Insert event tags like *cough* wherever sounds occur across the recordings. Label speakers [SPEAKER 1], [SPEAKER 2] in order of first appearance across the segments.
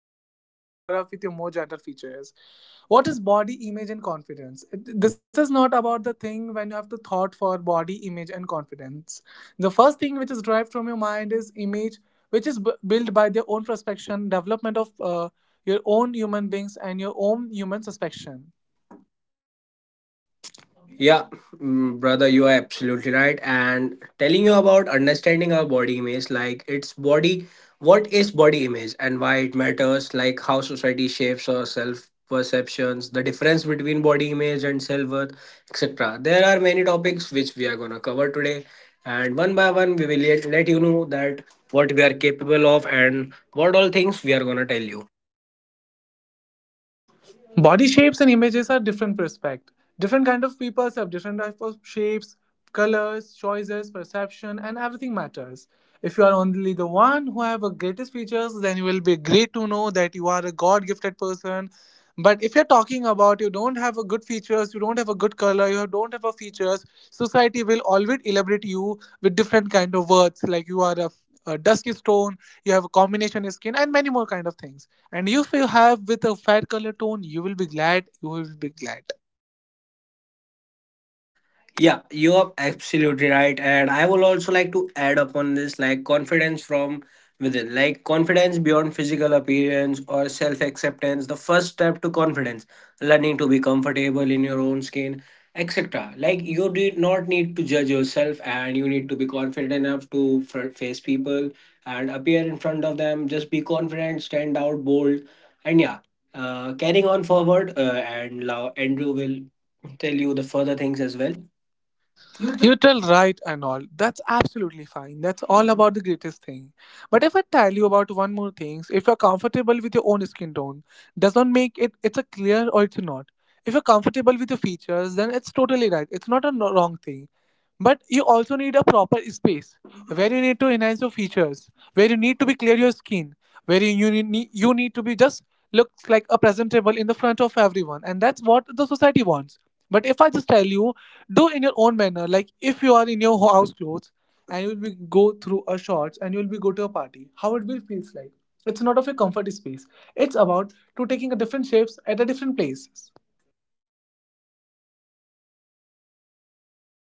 [SPEAKER 1] you need to be covered up with your more gentle features. What is body image and confidence? This is not about the thing when you have to thought for body image and confidence. The first thing which is derived from your mind is image, which is built by their own perception, development of your own human beings and your own human suspicion.
[SPEAKER 2] Yeah, brother, you are absolutely right. And telling you about understanding our body image, like its body, what is body image and why it matters, like how society shapes our self perceptions, the difference between body image and self worth, etc. There are many topics which we are gonna cover today, and one by one, we will let you know that what we are capable of and what all things we are gonna tell you.
[SPEAKER 1] Body shapes and images are different perspective, different kind of people have different type of shapes, colors, choices, perception, and everything matters. If you are only the one who have the greatest features, then you will be great to know that you are a god gifted person. But if you're talking about you don't have a good features, you don't have a good color, you don't have a features, society will always elaborate you with different kind of words like you are a dusky stone, you have a combination skin and many more kind of things. And if you have with a fat color tone, you will be glad. You will be glad.
[SPEAKER 2] Yeah, you are absolutely right. And I will also like to add upon this, like confidence from within, like confidence beyond physical appearance or self acceptance, the first step to confidence, learning to be comfortable in your own skin, etc. Like, you do not need to judge yourself, and you need to be confident enough to face people and appear in front of them. Just be confident, stand out bold, and yeah, carrying on forward. And now, Andrew will tell you the further things as well. You
[SPEAKER 1] You tell right and all. That's absolutely fine. That's all about the greatest thing. But if I tell you about one more thing, if you're comfortable with your own skin tone, doesn't make it it's a clear or it's not. If you're comfortable with your features, then it's totally right. It's not a wrong thing. But you also need a proper space where you need to enhance your features, where you need to be clear your skin, where you need to be just looks like a presentable in the front of everyone, and that's what the society wants. But if I just tell you, do in your own manner, like if you are in your house clothes and you will be go through a shorts and you will be go to a party, how it will feels like? It's not of a comfort space. It's about to taking a different shapes at a different places.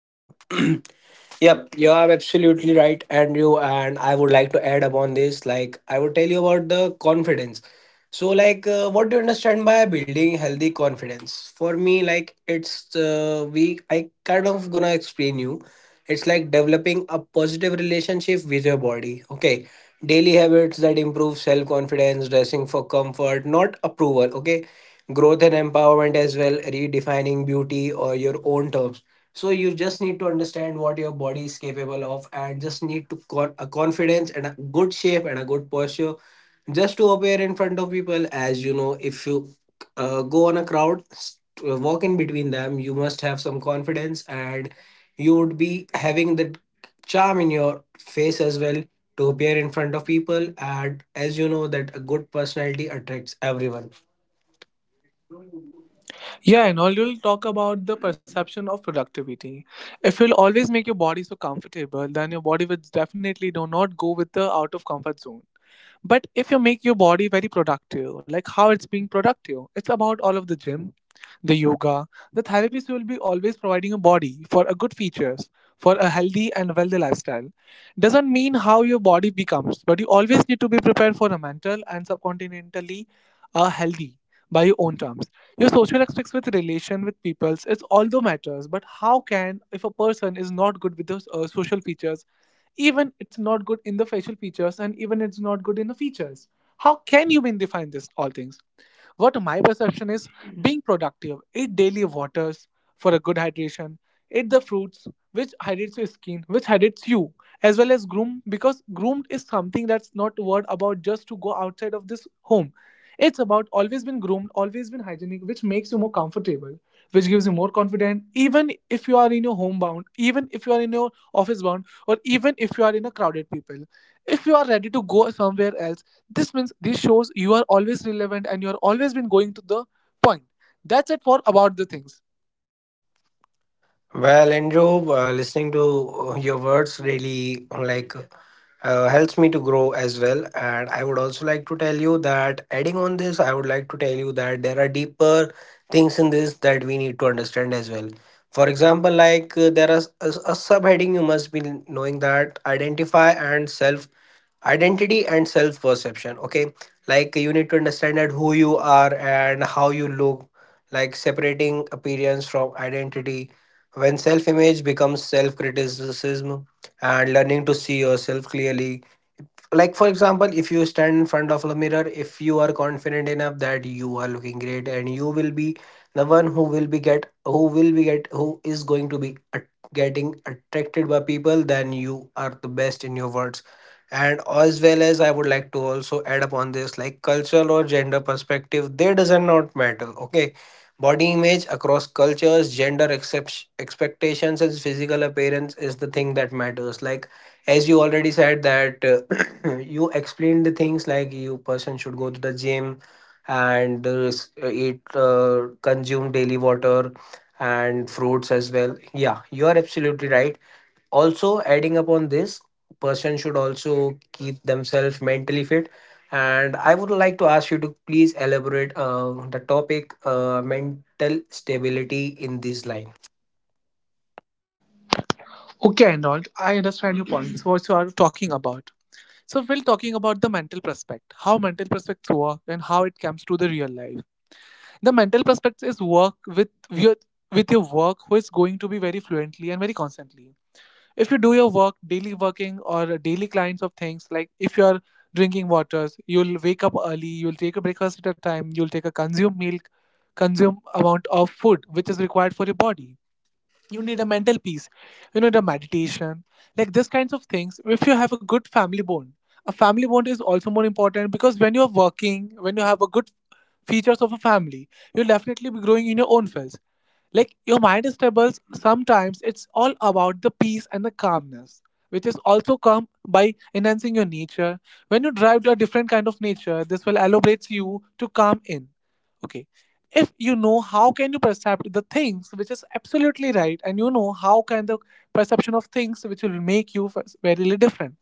[SPEAKER 2] do- *clears throat* yep, you are absolutely right, Andrew. And I would like to add upon this. Like, I would tell you about the confidence. So, what do you understand by building healthy confidence? For me, like, it's we. I kind of gonna explain you. It's like developing a positive relationship with your body. Okay, daily habits that improve self confidence, dressing for comfort, not approval. Okay, growth and empowerment as well, redefining beauty or your own terms. So you just need to understand what your body is capable of and just need to a confidence and a good shape and a good posture just to appear in front of people. As you know, if you go on a walk in between them, you must have some confidence, and you would be having that charm in your face as well to appear in front of people. And as you know that a good personality attracts everyone.
[SPEAKER 1] Yeah, and all you'll talk about the perception of productivity. If you'll always make your body so comfortable, then your body will definitely do not go with the out of comfort zone. But if you make your body very productive, like how it's being productive, it's about all of the gym, the yoga, the therapist will be always providing a body for a good features, for a healthy and wealthy lifestyle. Doesn't mean how your body becomes, but you always need to be prepared for a mental and subcontinentally healthy by your own terms. Your social aspects with relation with peoples, it's although matters, but how can if a person is not good with those social features, even it's not good in the facial features and even it's not good in the features, how can you mean define this all things? What my perception is, being productive, eat daily waters for a good hydration, eat the fruits which hydrates your skin, which hydrates you, as well as groom, because groomed is something that's not word about just to go outside of this home. It's about always been groomed, always been hygienic, which makes you more comfortable, which gives you more confidence, even if you are in your homebound, even if you are in your office bound, or even if you are in a crowded people. If you are ready to go somewhere else, this means this shows you are always relevant and you are always been going to the point. That's it for about the things.
[SPEAKER 2] Well, Andrew, listening to your words really helps me to grow as well. And I would also like to tell you that adding on this, I would like to tell you that there are deeper things in this that we need to understand as well. For example, there is a subheading you must be knowing, that identify and self identity and self perception. Okay, like you need to understand that who you are and how you look, like separating appearance from identity, when self image becomes self criticism, and learning to see yourself clearly. Like, for example, if you stand in front of a mirror, if you are confident enough that you are looking great, and you will be the one who is going to be getting attracted by people, then you are the best in your words. And as well as I would like to also add upon this, like cultural or gender perspective, they doesn't not matter. Okay. Body image across cultures, gender expectations, and physical appearance is the thing that matters. Like, as you already said, that *clears throat* you explained the things, like you person should go to the gym and eat, consume daily water and fruits as well. Yeah, you are absolutely right. Also, adding upon this, person should also keep themselves mentally fit. And I would like to ask you to please elaborate the topic, mental stability, in this line.
[SPEAKER 1] Okay, Arnold, I understand your points. What you are talking about. So we're talking about the mental prospect, how mental prospects work and how it comes to the real life. The mental prospect is work with your work who is going to be very fluently and very constantly. If you do your work daily working or daily clients of things, like if you're drinking waters, you'll wake up early, you'll take a breakfast at a time, you'll take a consume milk, consume amount of food which is required for your body. You need a mental peace, you need a meditation, like these kinds of things. If you have a good family bond, a family bond is also more important, because when you're working, when you have a good features of a family, you'll definitely be growing in your own fields. Like your mind is stable, sometimes it's all about the peace and the calmness, which is also come by enhancing your nature. When you drive to a different kind of nature, this will elaborate you to calm in. Okay, if you know how can you perceive the things which is absolutely right, and you know how can the perception of things which will make you very different.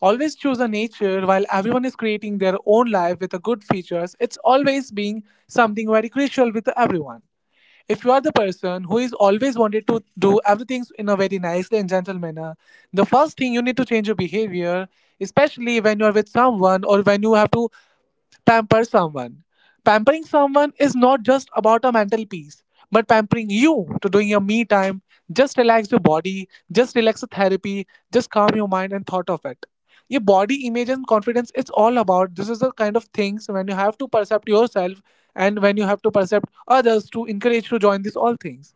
[SPEAKER 1] Always choose a nature while everyone is creating their own life with a good features, it's always being something very crucial with everyone. If you are the person who is always wanted to do everything in a very nicely and gentle manner, the first thing you need to change your behavior, especially when you are with someone or when you have to pamper someone. Pampering someone is not just about a mental peace, but pampering you to doing your me time. Just relax your body, just relax the therapy, just calm your mind and thought of it. Your body image and confidence it's all about. This is the kind of things when you have to percept yourself, and when you have to percept others to encourage to join these all things.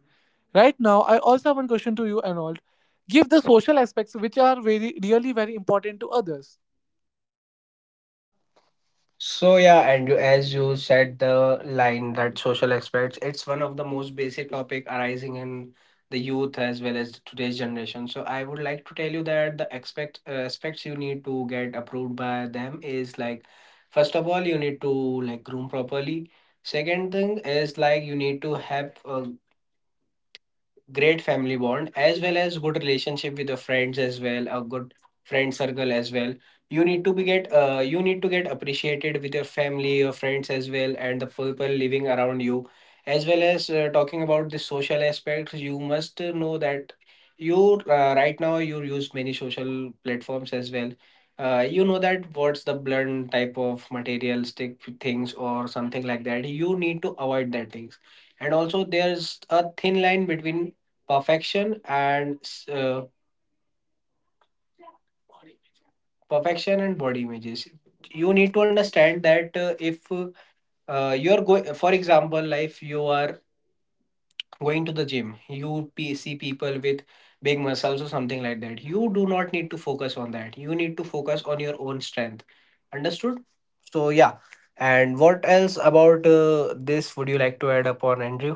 [SPEAKER 1] Right now I also have one question to you, Arnold. Give the social aspects which are very really very important to others.
[SPEAKER 2] So yeah, and you, as you said, the line that social aspects, it's one of the most basic topic arising in the youth as well as today's generation. So I would like to tell you that the expect aspects you need to get approved by them is like, first of all, you need to like groom properly. Second thing is like you need to have a great family bond, as well as good relationship with your friends, as well a good friend circle as well. You need to be get you need to get appreciated with your family, your friends as well, and the people living around you. As well as, talking about the social aspects, you must know that you right now you use many social platforms as well. You know that what's the blunt type of materialistic things or something like that, you need to avoid that things. And also there's a thin line between perfection and s- uh, perfection and body images. You need to understand that if you're going, for example, like if you are going to the gym, you see people with big muscles or something like that. You do not need to focus on that, you need to focus on your own strength. Understood? So yeah, and what else about this would you like to add upon, Andrew?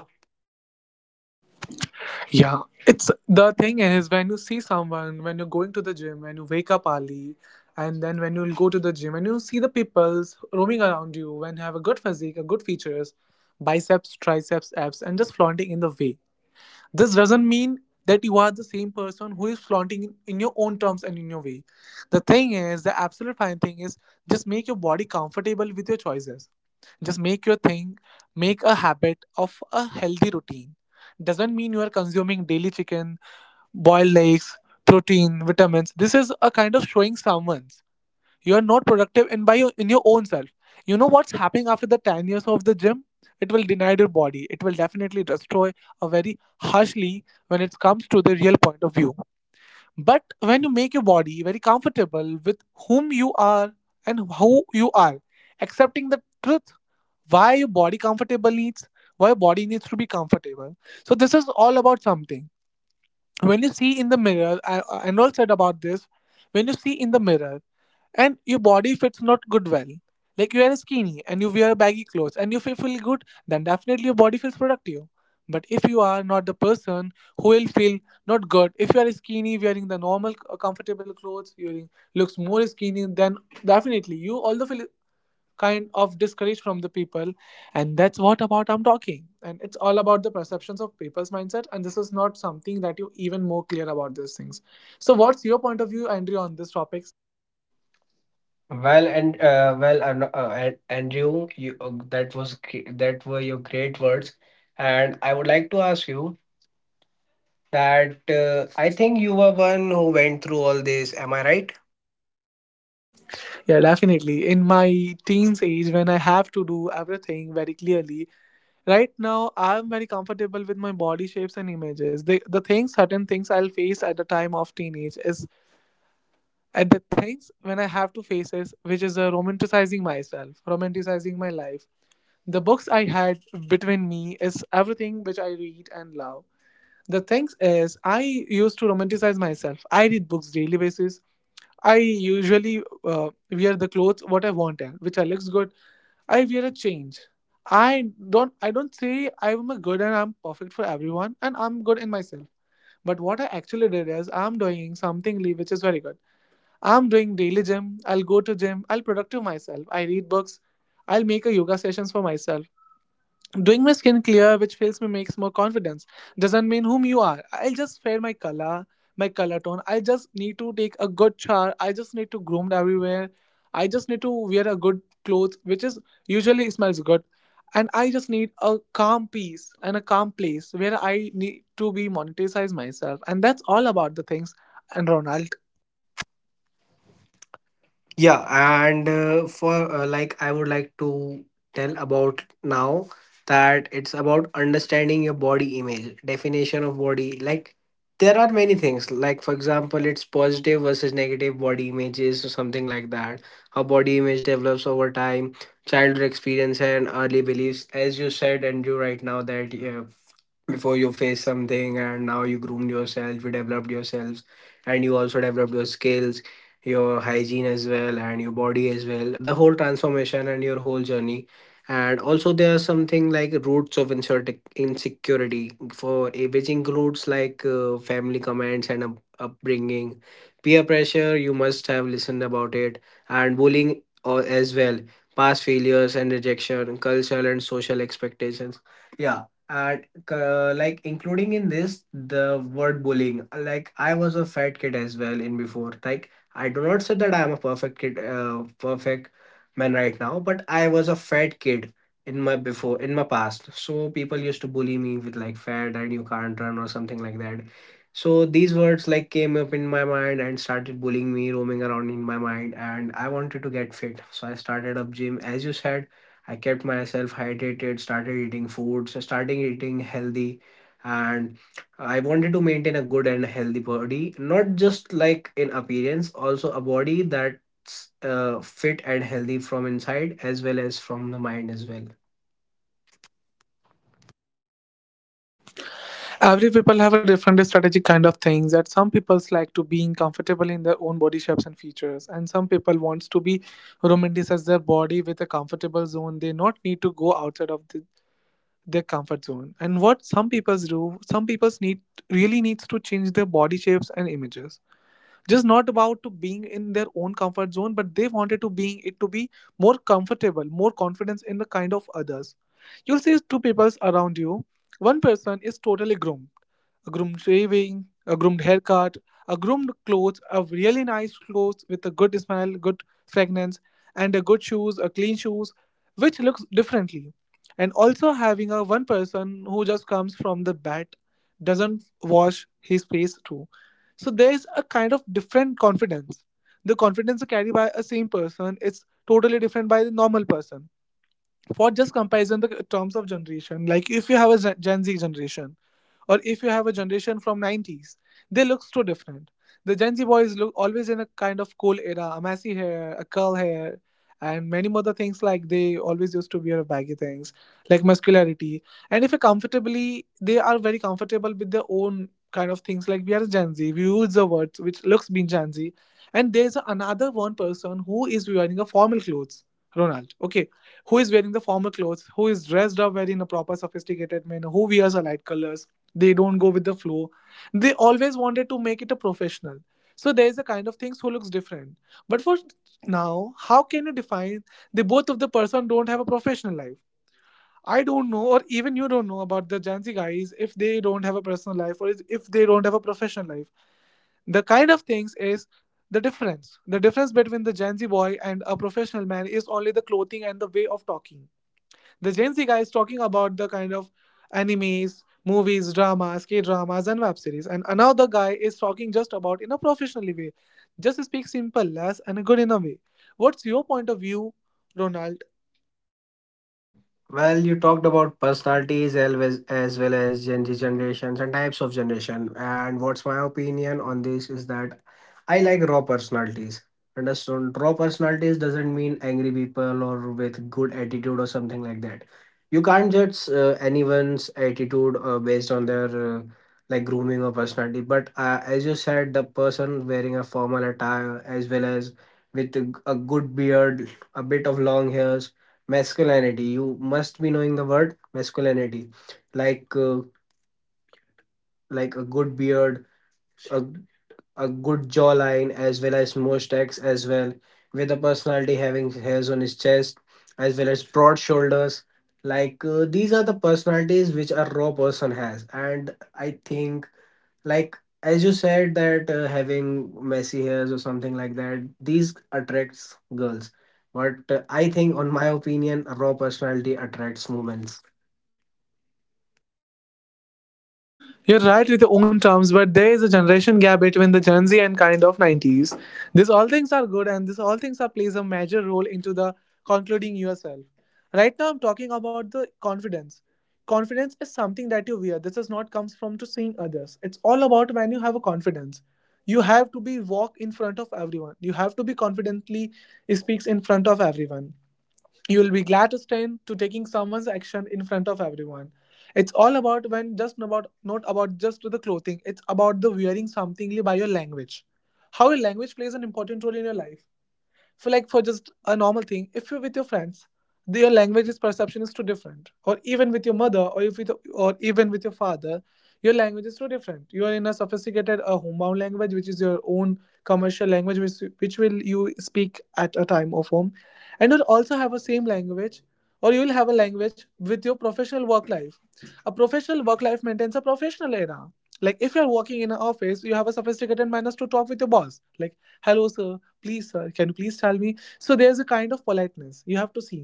[SPEAKER 1] Yeah, it's the thing is when you see someone, when you're going to the gym, when you wake up early, and then when you will go to the gym and you see the peoples roaming around you, when you have a good physique, a good features, biceps, triceps, abs, and just flaunting in the way. This doesn't mean that you are the same person who is flaunting in your own terms and in your way. The thing is, the absolute fine thing is, just make your body comfortable with your choices, just make your thing, make a habit of a healthy routine. Doesn't mean you are consuming daily chicken, boiled eggs, protein, vitamins. This is a kind of showing someone's you are not productive in by your, in your own self. You know what's happening after the 10 years of the gym? It will deny your body, it will definitely destroy a very harshly when it comes to the real point of view. But when you make your body very comfortable with whom you are and how you are, accepting the truth, why your body comfortable needs, why your body needs to be comfortable. So this is all about something. When you see in the mirror, I Arnold said about this, when you see in the mirror and your body fits not good well, like you are skinny and you wear baggy clothes and you feel good, then definitely your body feels productive. But if you are not the person who will feel not good, if you are skinny wearing the normal comfortable clothes, you will- looks more skinny, then definitely you although feel kind of discouraged from the people. And that's what about I'm talking, and it's all about the perceptions of people's mindset, and this is not something that you even more clear about these things. So what's your point of view, Andrew, on these topics?
[SPEAKER 2] Well, Andrew, you that were your great words, and I would like to ask you that I think you were one who went through all this. Am I right?
[SPEAKER 1] Yeah, definitely in my teens age, when I have to do everything very clearly, right now I'm very comfortable with my body shapes and images. The things, certain things I'll face at the time of teenage is at the things when I have to face is which is romanticizing myself, romanticizing my life. The books I had between me is everything which I read and love. The things is I used to romanticize myself. I read books daily basis. I usually wear the clothes what I wanted, which I looks good. I wear a change. I don't say I'm a good and I'm perfect for everyone and I'm good in myself. But what I actually did is I'm doing something which is very good. I'm doing daily gym. I'll go to gym. I'll productive myself. I read books. I'll make a yoga sessions for myself. Doing my skin clear, which feels me makes more confidence, doesn't mean whom you are. I'll just fair my color tone. I just need to take a good shower. I just need to groomed everywhere. I just need to wear a good clothes, which is usually smells good. And I just need a calm peace and a calm place where I need to be monetized myself. And that's all about the things and around.
[SPEAKER 2] Yeah, and for like I would like to tell about now that it's about understanding your body image, definition of body. Like there are many things. Like for example, it's positive versus negative body images or something like that. How body image develops over time, childhood experience and early beliefs, as you said and you right now, that yeah, before you face something and now you groomed yourself, you developed yourselves, and you also developed your skills, your hygiene as well, and your body as well, the whole transformation and your whole journey. And also there are something like roots of insecurity for which includes like, family comments and upbringing, peer pressure you must have listened about it, and bullying or as well, past failures and rejection, cultural and social expectations. Yeah, and like including in this the word bullying, like I was a fat kid as well in before. Like, I do not say that I am a perfect man right now, but I was a fat kid in my before, in my past. So people used to bully me with like fat and you can't run or something like that. So these words like came up in my mind and started bullying me, roaming around in my mind, and I wanted to get fit, so I started up gym. As you said, I kept myself hydrated, started eating foods, starting eating healthy, and I wanted to maintain a good and healthy body, not just like in appearance, also a body that's fit and healthy from inside as well as from the mind as well.
[SPEAKER 1] Every people have a different strategic kind of things that some people like to being comfortable in their own body shapes and features, and some people wants to be romanticize their body with a comfortable zone. They not need to go outside of their comfort zone. And what some people do, some people need really needs to change their body shapes and images, just not about to being in their own comfort zone, but they wanted to being it to be more comfortable, more confidence in the kind of others. You'll see two peoples around you. One person is totally groomed, a groomed shaving, a groomed haircut, a groomed clothes, a really nice clothes with a good smell, good fragrance, and a good shoes, a clean shoes, which looks differently. And also having a one person who just comes from the bat, doesn't wash his face too. So there's a kind of different confidence. The confidence carried by a same person is totally different by the normal person. For just comparison, the terms of generation, like if you have a Gen Z generation, or if you have a generation from '90s, they look so different. The Gen Z boys look always in a kind of cool era, a messy hair, a curl hair, and many more other things. Like they always used to wear baggy things, like muscularity. And if you comfortably, they are very comfortable with their own kind of things. Like we are Gen Z, we use the words which looks being Gen Z. And there's another one person who is wearing a formal clothes. Ronald, okay, who is wearing the formal clothes, who is dressed up very in a proper sophisticated manner, who wears a light colors, they don't go with the flow. They always wanted to make it a professional. So there is a kind of things who looks different. But for now, how can you define the both of the person don't have a professional life? I don't know, or even you don't know about the Gen Z guys if they don't have a personal life, or if they don't have a professional life. The kind of things is the difference between the Gen Z boy and a professional man is only the clothing and the way of talking. The Gen Z guy is talking about the kind of animes, movies, dramas, K dramas, and web series. And another guy is talking just about in a professional way. Just speak simple, less, and good in a way. What's your point of view, Ronald?
[SPEAKER 2] Well, you talked about personalities as well as well as Gen Z generations and types of generation. And what's my opinion on this is that I like raw personalities. Understood? Raw personalities doesn't mean angry people or with good attitude or something like that. You can't judge anyone's attitude based on their like grooming or personality. But as you said, the person wearing a formal attire as well as with a good beard, a bit of long hairs, masculinity, you must be knowing the word masculinity, like uh, like a good beard, a, a good jawline, as well as mustache as well, with a personality having hairs on his chest as well as broad shoulders. Like, these are the personalities which a raw person has, and I think, like, as you said that having messy hairs or something like that, these attracts girls, but I think on my opinion, a raw personality attracts women.
[SPEAKER 1] You're right with your own terms, but there is a generation gap between the Gen Z and kind of '90s. These all things are good, and this all things are plays a major role into the concluding yourself. Right now, I'm talking about the confidence. Confidence is something that you wear. This is not comes from to seeing others. It's all about when you have a confidence. You have to be walk in front of everyone. You have to be confidently speaks in front of everyone. You will be glad to stand to taking someone's action in front of everyone. It's all about when, just about not about just the clothing, it's about the wearing something by your language, how your language plays an important role in your life. For like, for just a normal thing, if you're with your friends, your language's perception is too different, or even with your mother, or if with, or even with your father, your language is too different. You are in a sophisticated homebound language, which is your own commercial language, which will you speak at a time of home. And you'll also have a same language, or you will have a language with your professional work life. A professional work life maintains a professional era. Like if you're working in an office, you have a sophisticated manners to talk with your boss, like hello sir, please sir, can you please tell me. So there's a kind of politeness you have to see.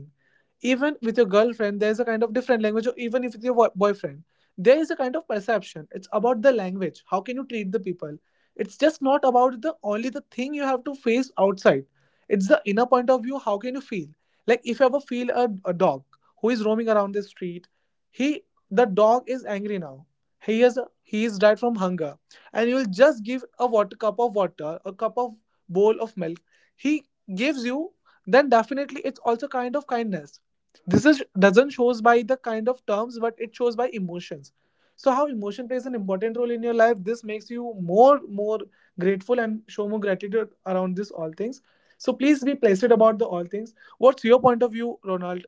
[SPEAKER 1] Even with your girlfriend, there's a kind of different language, or even if with your boyfriend, there is a kind of perception. It's about the language, how can you treat the people. It's just not about the only the thing you have to face outside. It's the inner point of view, how can you feel. Like if you ever feel a dog who is roaming around the street, he, the dog is angry now. He is, he is died from hunger. And you will just give a water, cup of water, a cup of, bowl of milk, he gives you, then definitely it's also kind of kindness. This is doesn't shows by the kind of terms, but it shows by emotions. So how emotion plays an important role in your life, this makes you more grateful and show more gratitude around this all things. So please be placid about the all things. What's your point of view, Ronald?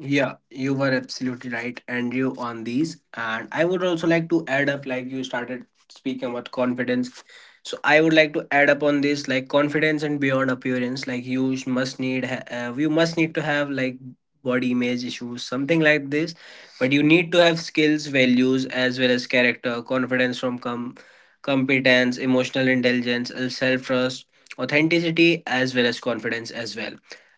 [SPEAKER 2] Yeah, you were absolutely right, Andrew, on these. And I would also like to add up, like you started speaking about confidence. So I would like to add up on this, like confidence and beyond appearance. Like you you must need to have like body image issues, something like this. But you need to have skills, values, as well as character, confidence from competence, emotional intelligence, self trust, authenticity, as well as confidence as well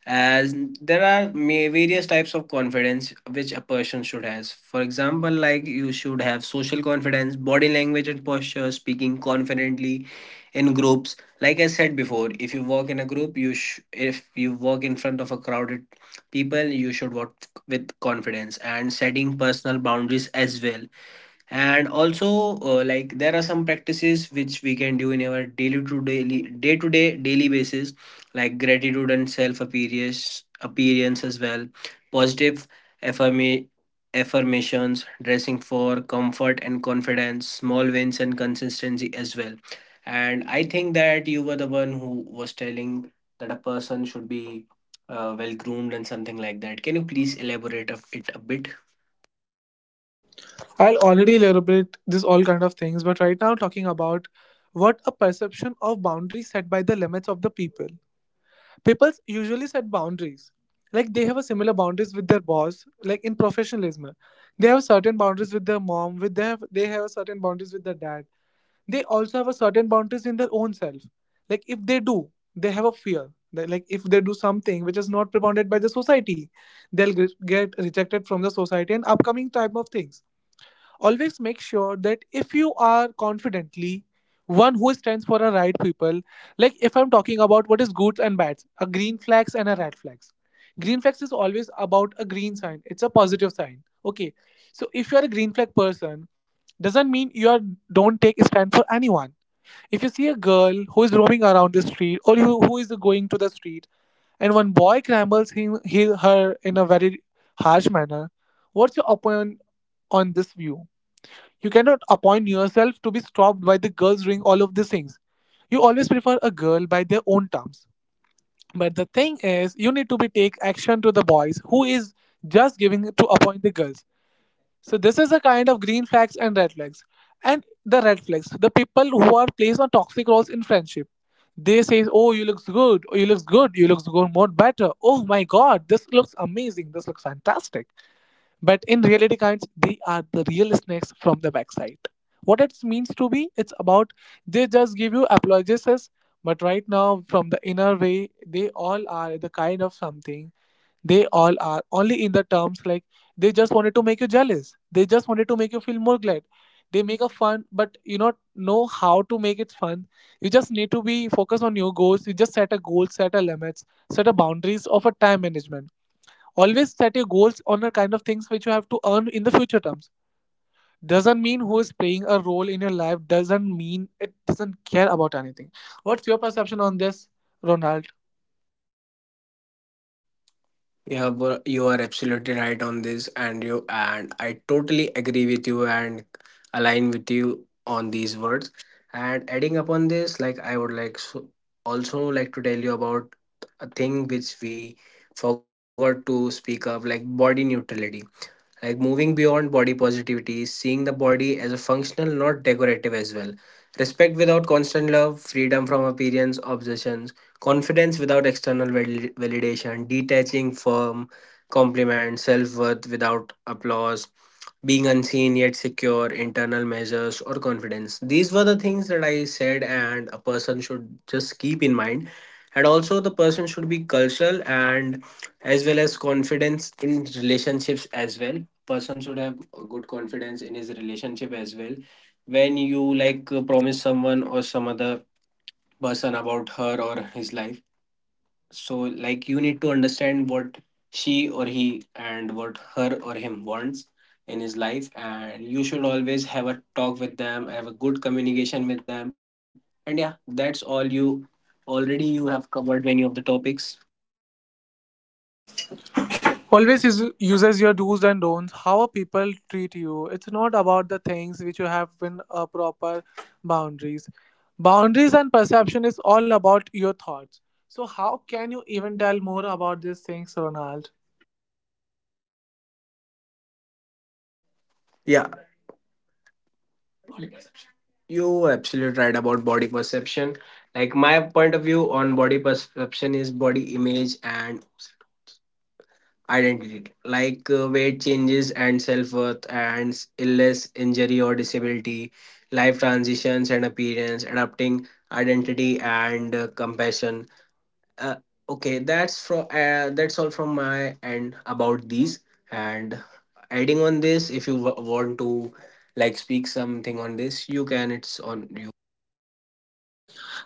[SPEAKER 2] as there are various types of confidence which a person should has. For example, like you should have social confidence, body language and posture, speaking confidently in groups. Like I said before, if you work in a group, you if you work in front of a crowded people, you should work with confidence, and setting personal boundaries as well. And also, like there are some practices which we can do in our daily to daily day to day daily basis, like gratitude and self appearance as well, positive affirma- affirmations, dressing for comfort and confidence, small wins and consistency as well. And I think that you were the one who was telling that a person should be well groomed and something like that. Can you please elaborate of it a bit?
[SPEAKER 1] I'll already elaborate this all kind of things, but right now talking about what a perception of boundary set by the limits of the people. People usually set boundaries. Like they have a similar boundaries with their boss, like in professionalism. They have certain boundaries with their mom, with they have certain boundaries with their dad. They also have a certain boundaries in their own self. Like if they do, they have a fear that like if they do something which is not propounded by the society, they'll get rejected from the society and upcoming type of things. Always make sure that if you are confidently one who stands for a right people, like if I'm talking about what is goods and bads, a green flags and a red flags. Green flags is always about a green sign. It's a positive sign. Okay. So if you are a green flag person, doesn't mean you are don't take stand for anyone. If you see a girl who is roaming around the street, or who is going to the street, and one boy crumbles him, he, her in a very harsh manner, what's your opinion on this view? You cannot appoint yourself to be stopped by the girls ring all of these things. You always prefer a girl by their own terms. But the thing is, you need to be take action to the boys who is just giving to appoint the girls. So this is a kind of green flags and red flags. And the red flags, the people who are placed on toxic roles in friendship. They say, "Oh, you looks good, oh you looks good more better. Oh my god, this looks amazing, this looks fantastic." But in reality, kinds, they are the real snakes from the backside. What it means to be, it's about they just give you apologies, but right now, from the inner way, they all are the kind of something. They all are only in the terms like they just wanted to make you jealous. They just wanted to make you feel more glad. They make a fun, but you not know how to make it fun. You just need to be focused on your goals. You just set a goal, set a limits, set a boundaries of a time management. Always set your goals on the kind of things which you have to earn in the future terms. Doesn't mean who is playing a role in your life, doesn't mean it doesn't care about anything. What's your perception on this, Ronald?
[SPEAKER 2] Yeah, but you are absolutely right on this, and you and I totally agree with you and align with you on these words. And adding upon this, like I would like so also like to tell you about a thing which we forgot to speak of, like body neutrality, like moving beyond body positivity, seeing the body as a functional not decorative as well, respect without constant love, freedom from appearance obsessions, confidence without external validation, detaching from compliments, self-worth without applause, being unseen yet secure, internal measures or confidence. These were the things that I said, and a person should just keep in mind. And also the person should be cultural and as well as confidence in relationships as well. Person should have a good confidence in his relationship as well. When you like promise someone or some other person about her or his life, so like you need to understand what she or he and what her or him wants in his life, and you should always have a talk with them, have a good communication with them. And yeah, that's all. You already you have covered many of the topics.
[SPEAKER 1] Always is, uses your do's and don'ts, how people treat you. It's not about the things which you have in a proper boundaries. Boundaries and perception is all about your thoughts. So, how can you even tell more about these things, Ronald?
[SPEAKER 2] Yeah, you absolutely right about body perception. Like my point of view on body perception is body image and identity. Like, weight changes and self worth, and illness, injury or disability, life transitions and appearance, adapting identity, and compassion. Uh, okay, that's from that's all from my end about these. And adding on this, if you want to like speak something on this, you can. It's on you.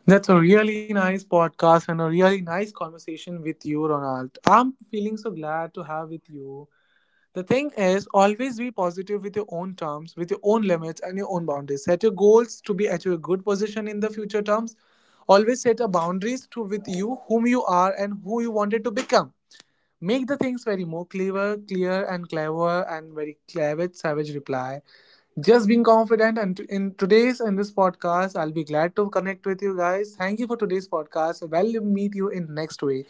[SPEAKER 1] That's a really nice podcast and a really nice conversation with you, Ronald. I'm feeling so glad to have with you. The thing is, always be positive with your own terms, with your own limits and your own boundaries. Set your goals to be at your good position in the future terms. Always set a boundaries to with you whom you are and who you wanted to become. Make the things very more clever, clear and clever and very clever savage reply. Just being confident. And in today's in this podcast, I'll be glad to connect with you guys. Thank you for today's podcast. Well, meet you in next way.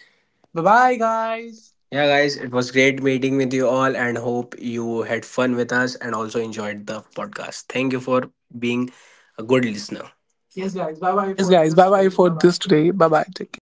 [SPEAKER 1] Bye bye, guys.
[SPEAKER 2] Yeah, guys, it was great meeting with you all, and hope you had fun with us and also enjoyed the podcast. Thank you for being a good listener. Yes, guys. Bye bye
[SPEAKER 1] Yes,
[SPEAKER 2] for
[SPEAKER 1] guys.
[SPEAKER 2] this
[SPEAKER 1] Bye bye
[SPEAKER 2] today.
[SPEAKER 1] for
[SPEAKER 2] Bye bye.
[SPEAKER 1] this
[SPEAKER 2] Take
[SPEAKER 1] today.
[SPEAKER 2] care.
[SPEAKER 1] Bye bye. Take care.